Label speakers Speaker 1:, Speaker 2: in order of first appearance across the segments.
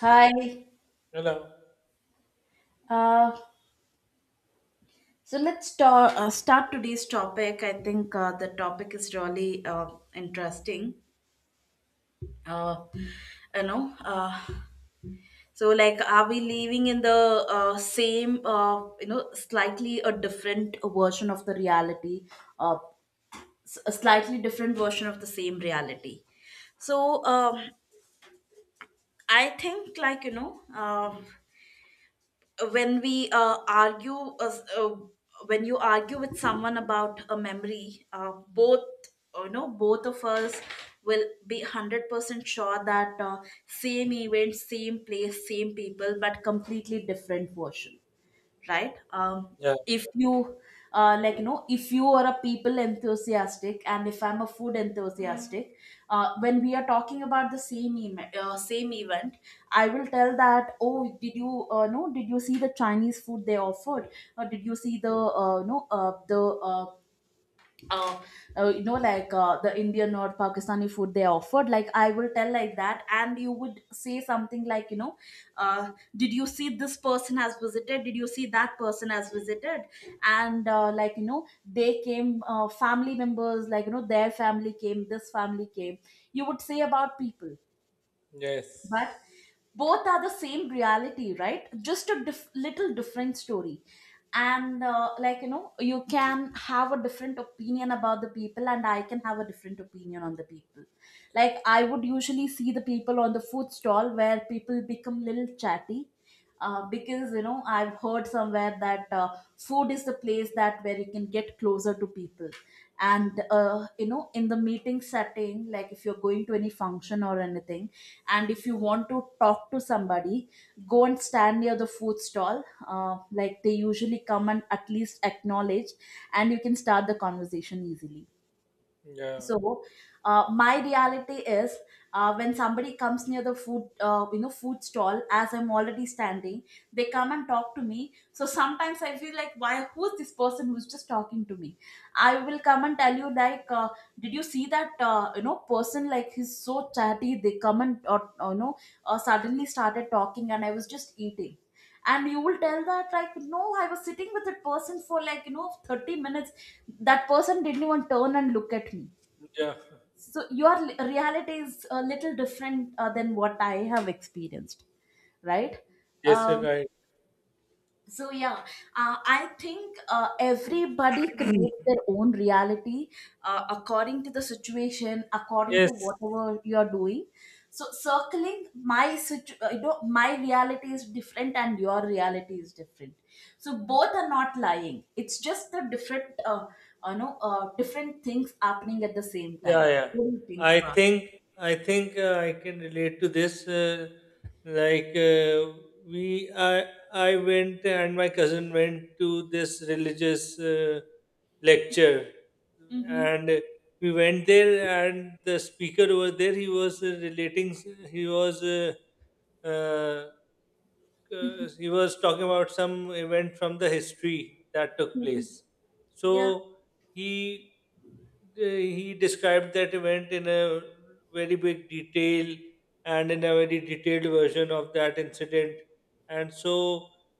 Speaker 1: Hi.
Speaker 2: Hello.
Speaker 1: Uh, so let's start today's topic. I think the topic is really interesting. Uh, you know, uh, so, like, are we living in the same, slightly a different version of the reality, uh, a slightly different version of the same reality? So, I think, like, when we argue uh, when you argue with someone about a memory, both, both of us will be 100% sure that, same event, same place, same people, but completely different version, right.
Speaker 2: Yeah.
Speaker 1: If you, like you know, if you are a people enthusiastic and if I'm a food enthusiastic, when we are talking about the same event, I will tell that, oh, did you, no did you see the Chinese food they offered? Or did you see the no the uh, you know, like, the Indian or Pakistani food they offered? Like, I will tell like that, and you would say something like, you know, did you see this person has visited, did you see that person has visited? And, like you know, they came, family members, like you know, their family came, this family came. You would say about people. But
Speaker 2: Yes.
Speaker 1: both are the same reality, right? Just a little different story. And, like you know, you can have a different opinion about the people, and I can have a different opinion on the people. Like, I would usually see the people on the food stall where people become little chatty, because you know, I've heard somewhere that, food is the place that where you can get closer to people. And, you know, in the meeting setting, like, if you're going to any function or anything, and if you want to talk to somebody, go and stand near the food stall. Like, they usually come and at least acknowledge, and you can start the conversation easily.
Speaker 2: Yeah.
Speaker 1: So, my reality is, when somebody comes near the food, you know, food stall, as I'm already standing, they come and talk to me. So sometimes I feel like, why, who's this person who's just talking to me? I will come and tell you, like, did you see that, you know, person, like, he's so chatty, they come and, or suddenly started talking, and I was just eating. And you will tell that, like, no, I was sitting with that person for like, you know, 30 minutes, that person didn't even turn and look at me.
Speaker 2: Yeah.
Speaker 1: So your reality is a little different, than what I have experienced, right.
Speaker 2: Yes, you're
Speaker 1: um,
Speaker 2: right.
Speaker 1: so, yeah, I think everybody creates their own reality, according to the situation, according to
Speaker 2: Yes.
Speaker 1: whatever you're doing. So, circling, you know, my reality is different and your reality is different. So both are not lying, it's just the different, you know, different things happening at the same
Speaker 2: Yeah,
Speaker 1: time.
Speaker 2: yeah.
Speaker 1: What do you think
Speaker 2: I
Speaker 1: about?
Speaker 2: think I can relate to this. Like uh, we, I, I went and my cousin went to this religious lecture,
Speaker 1: Mm-hmm.
Speaker 2: and we went there, and the speaker over there, he was relating, he was. Uh, uh, he was talking about some event from the history that took place. So
Speaker 1: Yeah.
Speaker 2: he he described that event in a very big detail and in a very detailed version of that incident. And so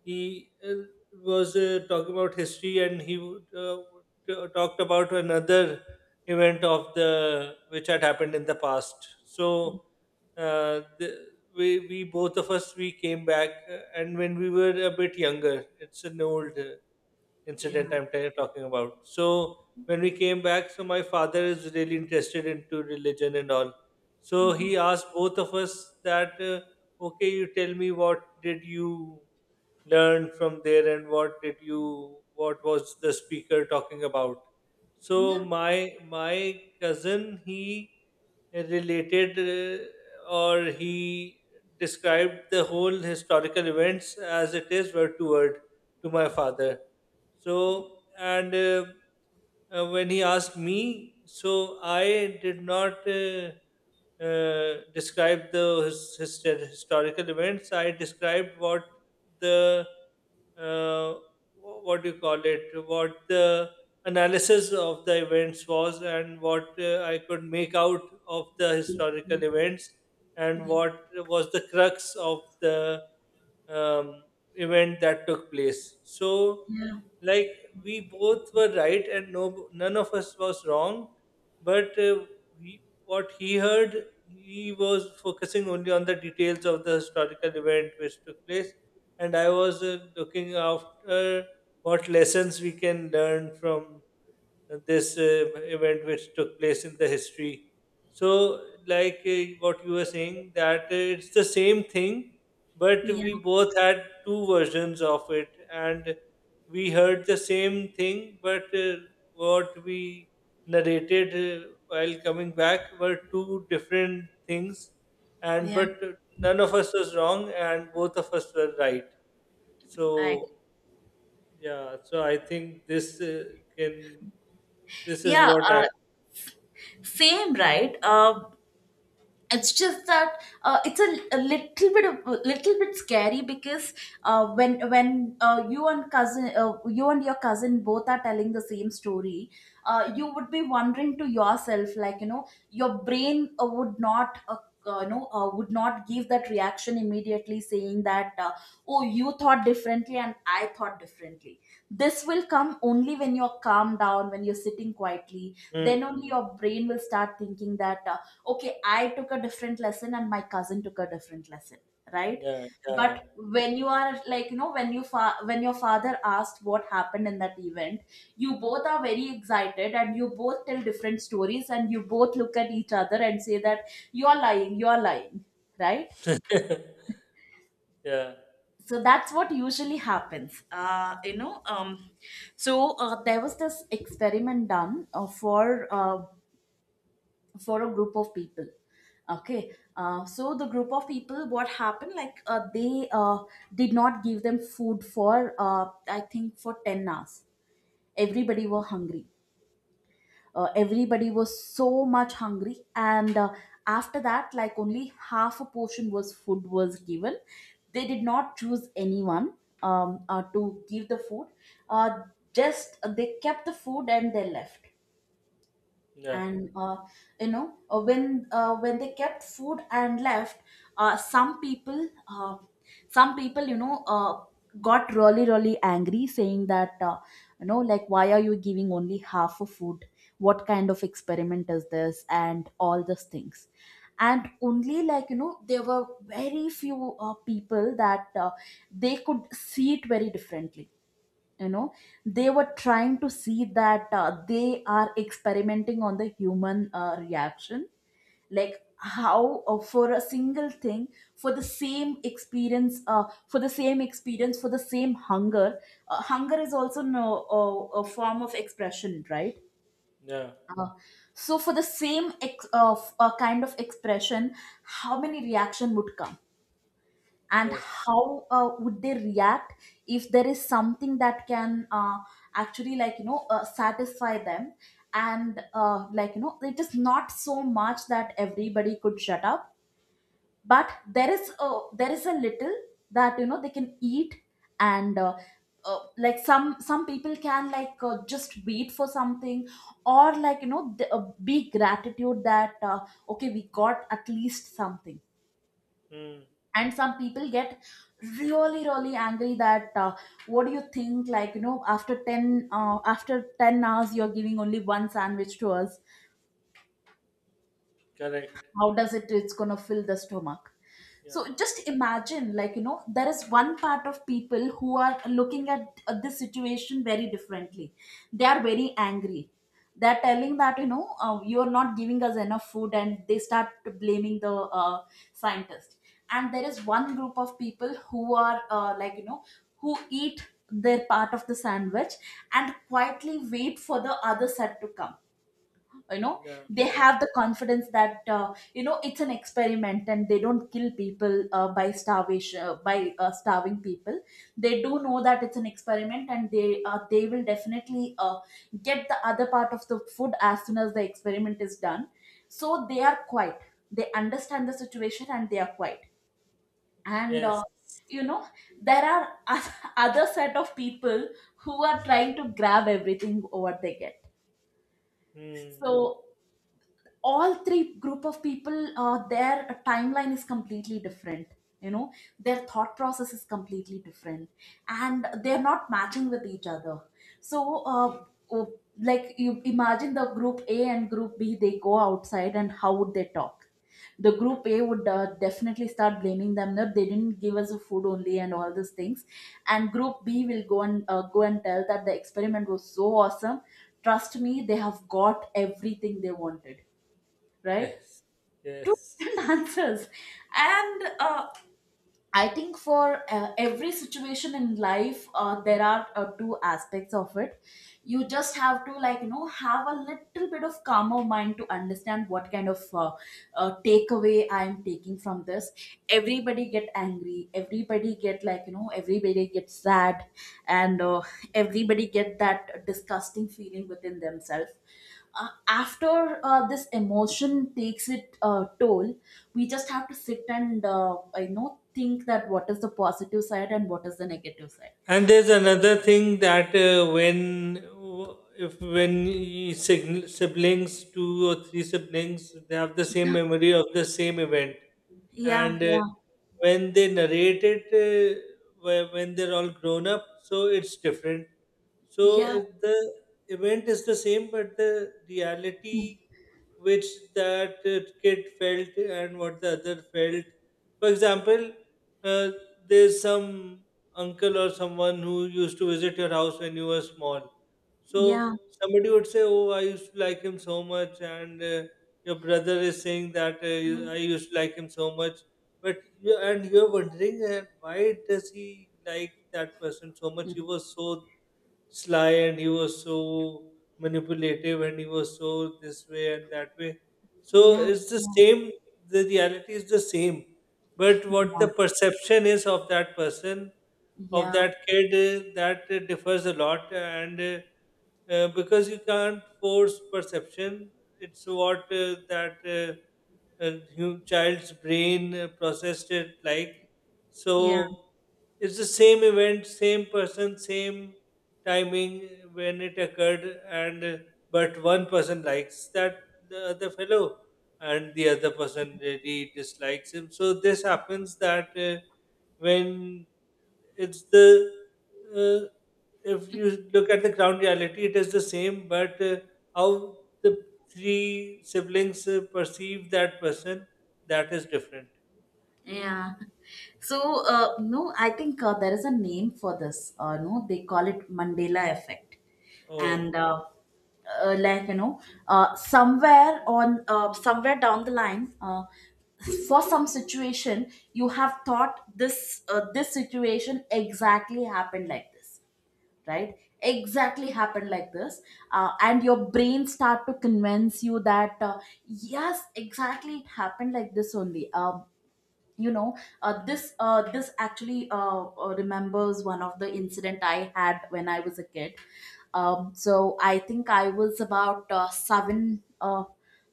Speaker 2: he was talking about history and he talked about another event of the which had happened in the past. So uh, the, we both of us we came back and when we were a bit younger. It's an old
Speaker 1: Yeah.
Speaker 2: incident I'm talking about. So when we came back, so my father is really interested into religion and all. So he asked both of us that, okay, you tell me what did you learn from there and what did you what was the speaker talking about. So
Speaker 1: Yeah.
Speaker 2: my cousin he related or he described the whole historical events as it is word to word to my father. So and when he asked me, so I did not describe the his historical events. I described what the uh, what do you call it? What the analysis of the events was, and what I could make out of the historical events, and
Speaker 1: Yeah.
Speaker 2: what was the crux of the um, event that took place. So,
Speaker 1: Yeah.
Speaker 2: like, we both were right, and no, none of us was wrong. But what he heard, he was focusing only on the details of the historical event which took place, and I was looking after what lessons we can learn from this event which took place in the history. So, like, what you were saying, that it's the same thing, but we
Speaker 1: Yeah,
Speaker 2: both had two versions of it, and we heard the same thing, but what we narrated while coming back were two different things, and
Speaker 1: yeah,
Speaker 2: but none of us was wrong, and both of us were right.
Speaker 1: I agree.
Speaker 2: So yeah, so I think can this is
Speaker 1: Yeah,
Speaker 2: what I
Speaker 1: same, right? It's just that, it's a little bit of a little bit scary, because, when you and cousin you and your cousin both are telling the same story, you would be wondering to yourself, like you know, your brain, would not. No would not give that reaction immediately, saying that, oh, you thought differently and I thought differently. This will come only when you're calmed down, when you're sitting quietly,
Speaker 2: mm.
Speaker 1: then only
Speaker 2: Mm, mm.
Speaker 1: your brain will start thinking that, okay, I took a different lesson and my cousin took a different lesson, right.
Speaker 2: Yeah,
Speaker 1: But
Speaker 2: yeah,
Speaker 1: when you are, like you know, when you when your father asked what happened in that event, you both are very excited, and you both tell different stories, and you both look at each other and say that, you are lying, you are lying, right.
Speaker 2: yeah. Yeah.
Speaker 1: So that's what usually happens, you know. So, there was this experiment done, for a group of people, okay. So the group of people, what happened, like, they did not give them food for, I think, for 10 hours. Everybody
Speaker 2: No,
Speaker 1: were hungry, everybody was so much hungry, and, after that, like, only half a portion was food was given. They did not choose anyone, to give the food, uh, just, they kept the food and they left.
Speaker 2: yeah,
Speaker 1: And, you know, when they kept food and left, uh, some people uh, some people, you know, got really really angry, saying that, you know, like, why are you giving only half of food? What kind of experiment is this, and all these things? And only, like you know, there were very few, people that, they could see it very differently. You know, they were trying to see that, they are experimenting on the human, reaction, like, how, for a single thing, for the same experience, for the same hunger. Hunger is also, no, a form of expression, right.
Speaker 2: yeah.
Speaker 1: uh, so for the same kind of expression, how many reaction would come, and
Speaker 2: Yes.
Speaker 1: how, would they react, if there is something that can, actually, like you know, satisfy them. And, like you know, it is not so much that everybody could shut up, but there is a little, that you know they can eat. And, like, some people can, like, just wait for something, or, like you know, the, be gratitude that, okay, we got at least something.
Speaker 2: Mm,
Speaker 1: And some people get really really angry, that, what do you think, like you know, after 10 hours, you're giving only one sandwich to us?
Speaker 2: correct.
Speaker 1: How does it, it's going to fill the stomach? So
Speaker 2: Yeah,
Speaker 1: just imagine, like you know, there is one part of people who are looking at, this situation very differently, they are very angry. They're telling that, you know, you're not giving us enough food, and they start blaming the, uh, scientist. And there is one group of people who are, like you know, who eat their part of the sandwich, and quietly wait for the other set to come. You know,
Speaker 2: yeah,
Speaker 1: they
Speaker 2: yeah.
Speaker 1: have the confidence that, you know, it's an experiment, and they don't kill people by, starving people. They do know that it's an experiment, and they will definitely, get the other part of the food as soon as the experiment is done. So they are quiet, they understand the situation, and they are quiet. And,
Speaker 2: Yes.
Speaker 1: you know, there are other set of people who are trying to grab everything what they get.
Speaker 2: Mm,
Speaker 1: So all three group of people, their timeline is completely different. You know, their thought process is completely different, and they're not matching with each other. So, oh, like, you imagine the group A and group B, they go outside and how would they talk? The group A would, definitely start blaming them that they didn't give us the food only and all these things. And group B will go and, go and tell that the experiment was so awesome, trust me, they have got everything they wanted, right?
Speaker 2: yes.
Speaker 1: Two
Speaker 2: Yes.
Speaker 1: different answers. And, I think for, every situation in life, there are, two aspects of it. You just have to, like, you know, have a little bit of calmer mind to understand what kind of, takeaway I am taking from this. Everybody get angry. Everybody get, like, you know, everybody get sad, and, everybody get that disgusting feeling within themselves, after this emotion takes it, toll. We just have to sit and, I know, think that what is the positive side and what is the negative side.
Speaker 2: And there's another thing that when w- if when y- sign- siblings, two or three siblings, they have the same
Speaker 1: Yeah,
Speaker 2: memory of the same event,
Speaker 1: yeah,
Speaker 2: and
Speaker 1: yeah,
Speaker 2: when they narrate it, when they're all grown up, so it's different. So
Speaker 1: yeah,
Speaker 2: the event is the same, but the reality which that kid felt and what the other felt. For example, uh, there's some uncle or someone who used to visit your house when you were small. So
Speaker 1: yeah,
Speaker 2: somebody would say, "Oh, I used to like him so much," and your brother is saying that I used to like him so much, but you, and you're wondering why does he like that person so
Speaker 1: yeah,
Speaker 2: much? He was so sly and he was so manipulative and he was so this way and that way. So
Speaker 1: yeah,
Speaker 2: it's the
Speaker 1: yeah,
Speaker 2: same. The reality is the same, but what the perception is of that person of
Speaker 1: yeah.
Speaker 2: that kid, that differs a lot, and because you can't force perception. It's what that child's brain processed it like.
Speaker 1: Yeah.
Speaker 2: So it's the same event, same person, same timing when it occurred, and but one person likes that the other fellow and the other person really dislikes him. So this happens that when it's the uh, if you look at the ground reality, it is the same, but how the three siblings perceive that person, that is different.
Speaker 1: Yeah. So, no, I think there is a name for this. No, they call it Mandela effect.
Speaker 2: Oh,
Speaker 1: And, like, you know, somewhere on, somewhere down the line, for some situation, you have thought this, this situation exactly happened like this, right? Exactly happened like this. And your brain start to convince you that, yes, exactly it happened like this only. You know this actually remembers one of the incident I had when I was a kid. So I think I was about 7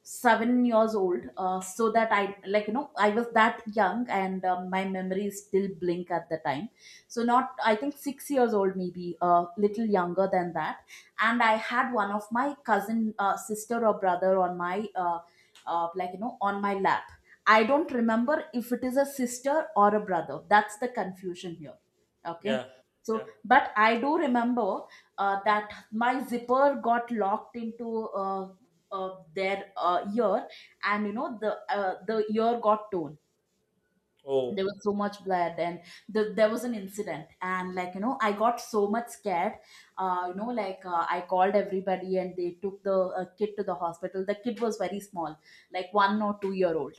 Speaker 1: 7 years old, so that I, I was that young, and my memories still blink at the time. So not, I think, 6 years old, maybe a little younger than that. And I had one of my cousin, sister or brother, on my lap. I don't remember if it is a sister or a brother. That's the confusion here. Okay.
Speaker 2: yeah,
Speaker 1: So,
Speaker 2: yeah.
Speaker 1: but I do remember that my zipper got locked into their ear, and you know the the ear got torn. There
Speaker 2: Oh,
Speaker 1: was so much blood, and there was an incident, and, like, you know, I got so much scared. I called everybody, and they took the kid to the hospital. The kid was very small, like 1 or 2 year old,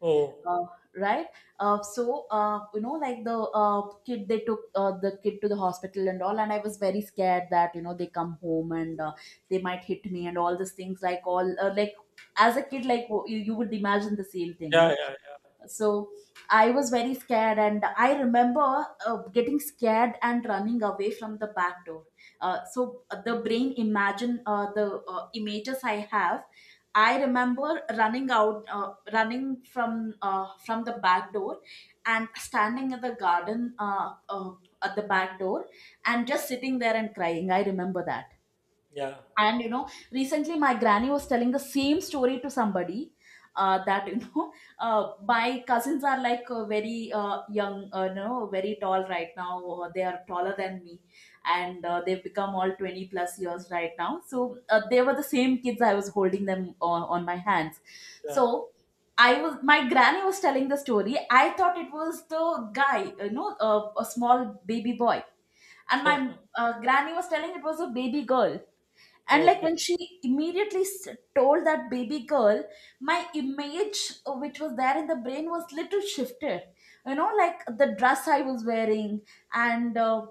Speaker 2: oh,
Speaker 1: uh, right. So you know like the Kid, they took the kid to the hospital and all, and I was very scared that you know they come home and they might hit me and all these things, like, all like, as a kid, like, you would imagine the same thing,
Speaker 2: yeah,
Speaker 1: no?
Speaker 2: yeah,
Speaker 1: So I was very scared, and I remember getting scared and running away from the back door. The brain imagine the images I have. I remember running out, running from the back door and standing in the garden at the back door and just sitting there and crying, I remember that.
Speaker 2: yeah,
Speaker 1: And you know, recently my granny was telling the same story to somebody, that, you know, my cousins are, like, very young, you know, very tall right now. They are taller than me, and they've become all 20 plus years right now. So they were the same kids. I was holding them on my hands.
Speaker 2: yeah,
Speaker 1: So, I was, my granny was telling the story. I thought it was the guy, you know, a small baby boy, and my
Speaker 2: yeah.
Speaker 1: granny was telling it was a baby girl. And like when
Speaker 2: Okay,
Speaker 1: she immediately told that baby girl, my image, which was there in the brain, was little shifted. You know, like the dress I was wearing and uh,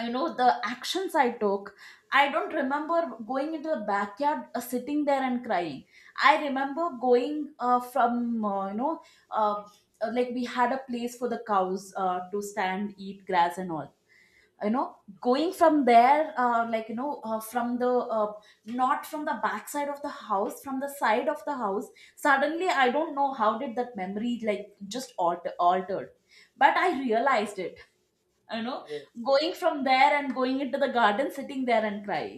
Speaker 1: you know the actions I took. I don't remember going into the backyard, sitting there and crying. I remember going from you know uh, like we had a place for the cows to stand, eat grass and all, you know, going from there, from the uh, not from the back side of the house, from the side of the house. Suddenly I don't know how did that memory like just altered, but I realized it, you know,
Speaker 2: yes,
Speaker 1: going from there and going into the garden, sitting there and crying.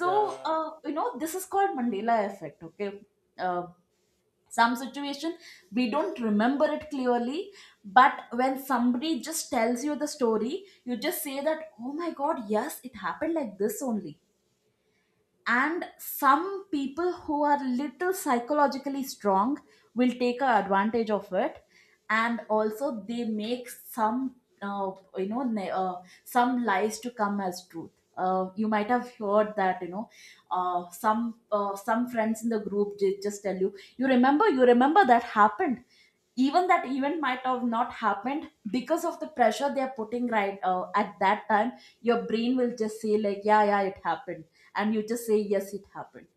Speaker 1: So you know this is called Mandela effect. Okay. uh, some situation we don't remember it clearly, but when somebody just tells you the story, you just say that, oh my god, yes, it happened like this only. And some people who are little psychologically strong will take a advantage of it, and also they make some uh, you know, some lies to come as truth. Uh, you might have heard that, you know, some friends in the group, they just tell you, you remember, you remember that happened, even that event might have not happened, because of the pressure they are putting, right, at that time. Your brain will just say, like, yeah, yeah, it happened. And you just say, yes, it happened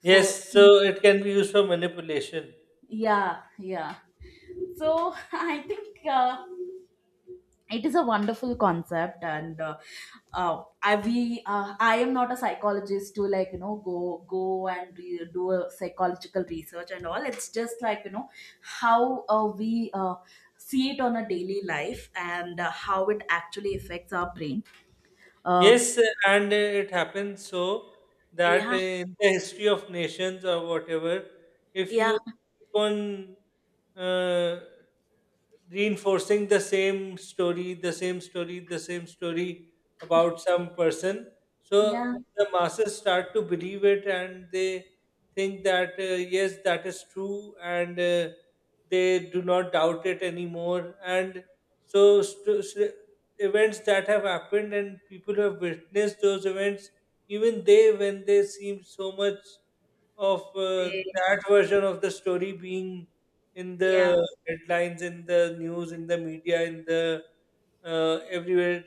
Speaker 1: for
Speaker 2: yes. So it can be used for manipulation.
Speaker 1: Yeah, yeah. So I think it is a wonderful concept. And I am not a psychologist to, like, go and do a psychological research and all. It's just, like, you know, how we see it on a daily life, and how it actually affects our brain. Uh,
Speaker 2: Yes, and it happens so that
Speaker 1: yeah,
Speaker 2: in the history of nations or whatever, if
Speaker 1: yeah,
Speaker 2: you keep on uh, reinforcing the same story, the same story, the same story about some person, so
Speaker 1: yeah,
Speaker 2: the masses start to believe it and they think that yes, that is true, and they do not doubt it anymore. And so, events that have happened and people who have witnessed those events, even they, when they seem so much of
Speaker 1: they-
Speaker 2: that version of the story being in
Speaker 1: yeah,
Speaker 2: the headlines, in the news, in the media, in the everywhere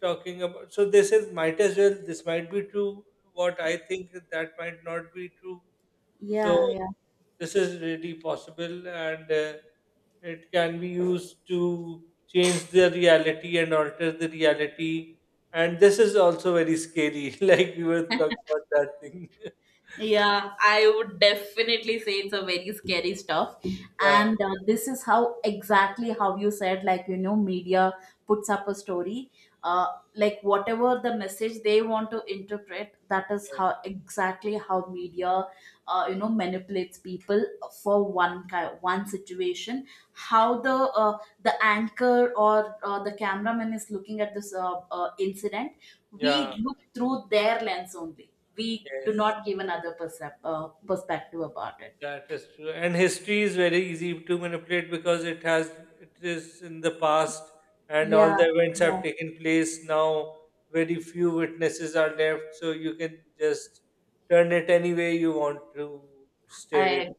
Speaker 2: talking about. So they said, might as well, this might be true. What I think that might not be true.
Speaker 1: yeah,
Speaker 2: So
Speaker 1: yeah.
Speaker 2: this is really possible, and it can be used to change the reality and alter the reality, and this is also very scary like we were talking about that thing.
Speaker 1: Yeah, I would definitely say it's a very scary stuff.
Speaker 2: Yeah,
Speaker 1: And this is how exactly how you said, like, you know, media puts up a story. Uh, like, whatever the message they want to interpret, that is
Speaker 2: yeah,
Speaker 1: how exactly how media, you know, manipulates people for one situation. How the anchor or the cameraman is looking at this incident,
Speaker 2: yeah,
Speaker 1: we look through their lens only. We do
Speaker 2: yes.
Speaker 1: not give another perspective about it.
Speaker 2: That is true. And history is very easy to manipulate because it has it is in the past and all
Speaker 1: Yeah,
Speaker 2: the events
Speaker 1: yeah,
Speaker 2: have taken place now. Very few witnesses are left, so you can just turn it any way you want to steer it.
Speaker 1: I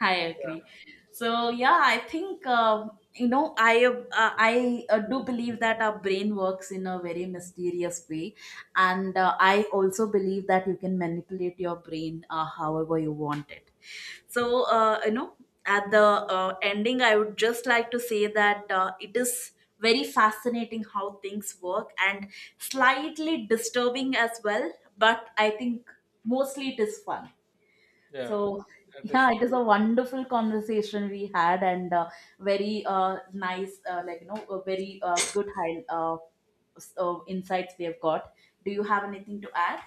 Speaker 1: I
Speaker 2: Yeah,
Speaker 1: agree. So yeah, I think you know I do believe that our brain works in a very mysterious way, and I also believe that you can manipulate your brain however you want it. So, you know, at the ending, I would just like to say that it is very fascinating how things work and slightly disturbing as well. But I think mostly it is fun.
Speaker 2: yeah,
Speaker 1: So,
Speaker 2: that is
Speaker 1: yeah, it is a
Speaker 2: true.
Speaker 1: wonderful conversation we had, and very nice, like, you know, a very good high, insights we have got. Do you have anything to add?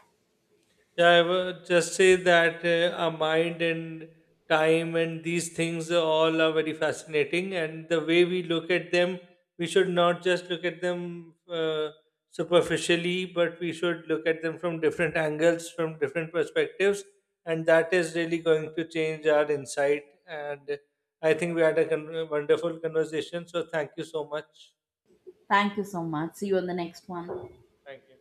Speaker 2: Yeah, I would just say that our mind and time and these things all are very fascinating, and the way we look at them, we should not just look at them superficially, but we should look at them from different angles, from different perspectives, and that is really going to change our insight. And I think we had a wonderful conversation. So thank you so much.
Speaker 1: Thank you so much. See you on the next one.
Speaker 2: Thank you.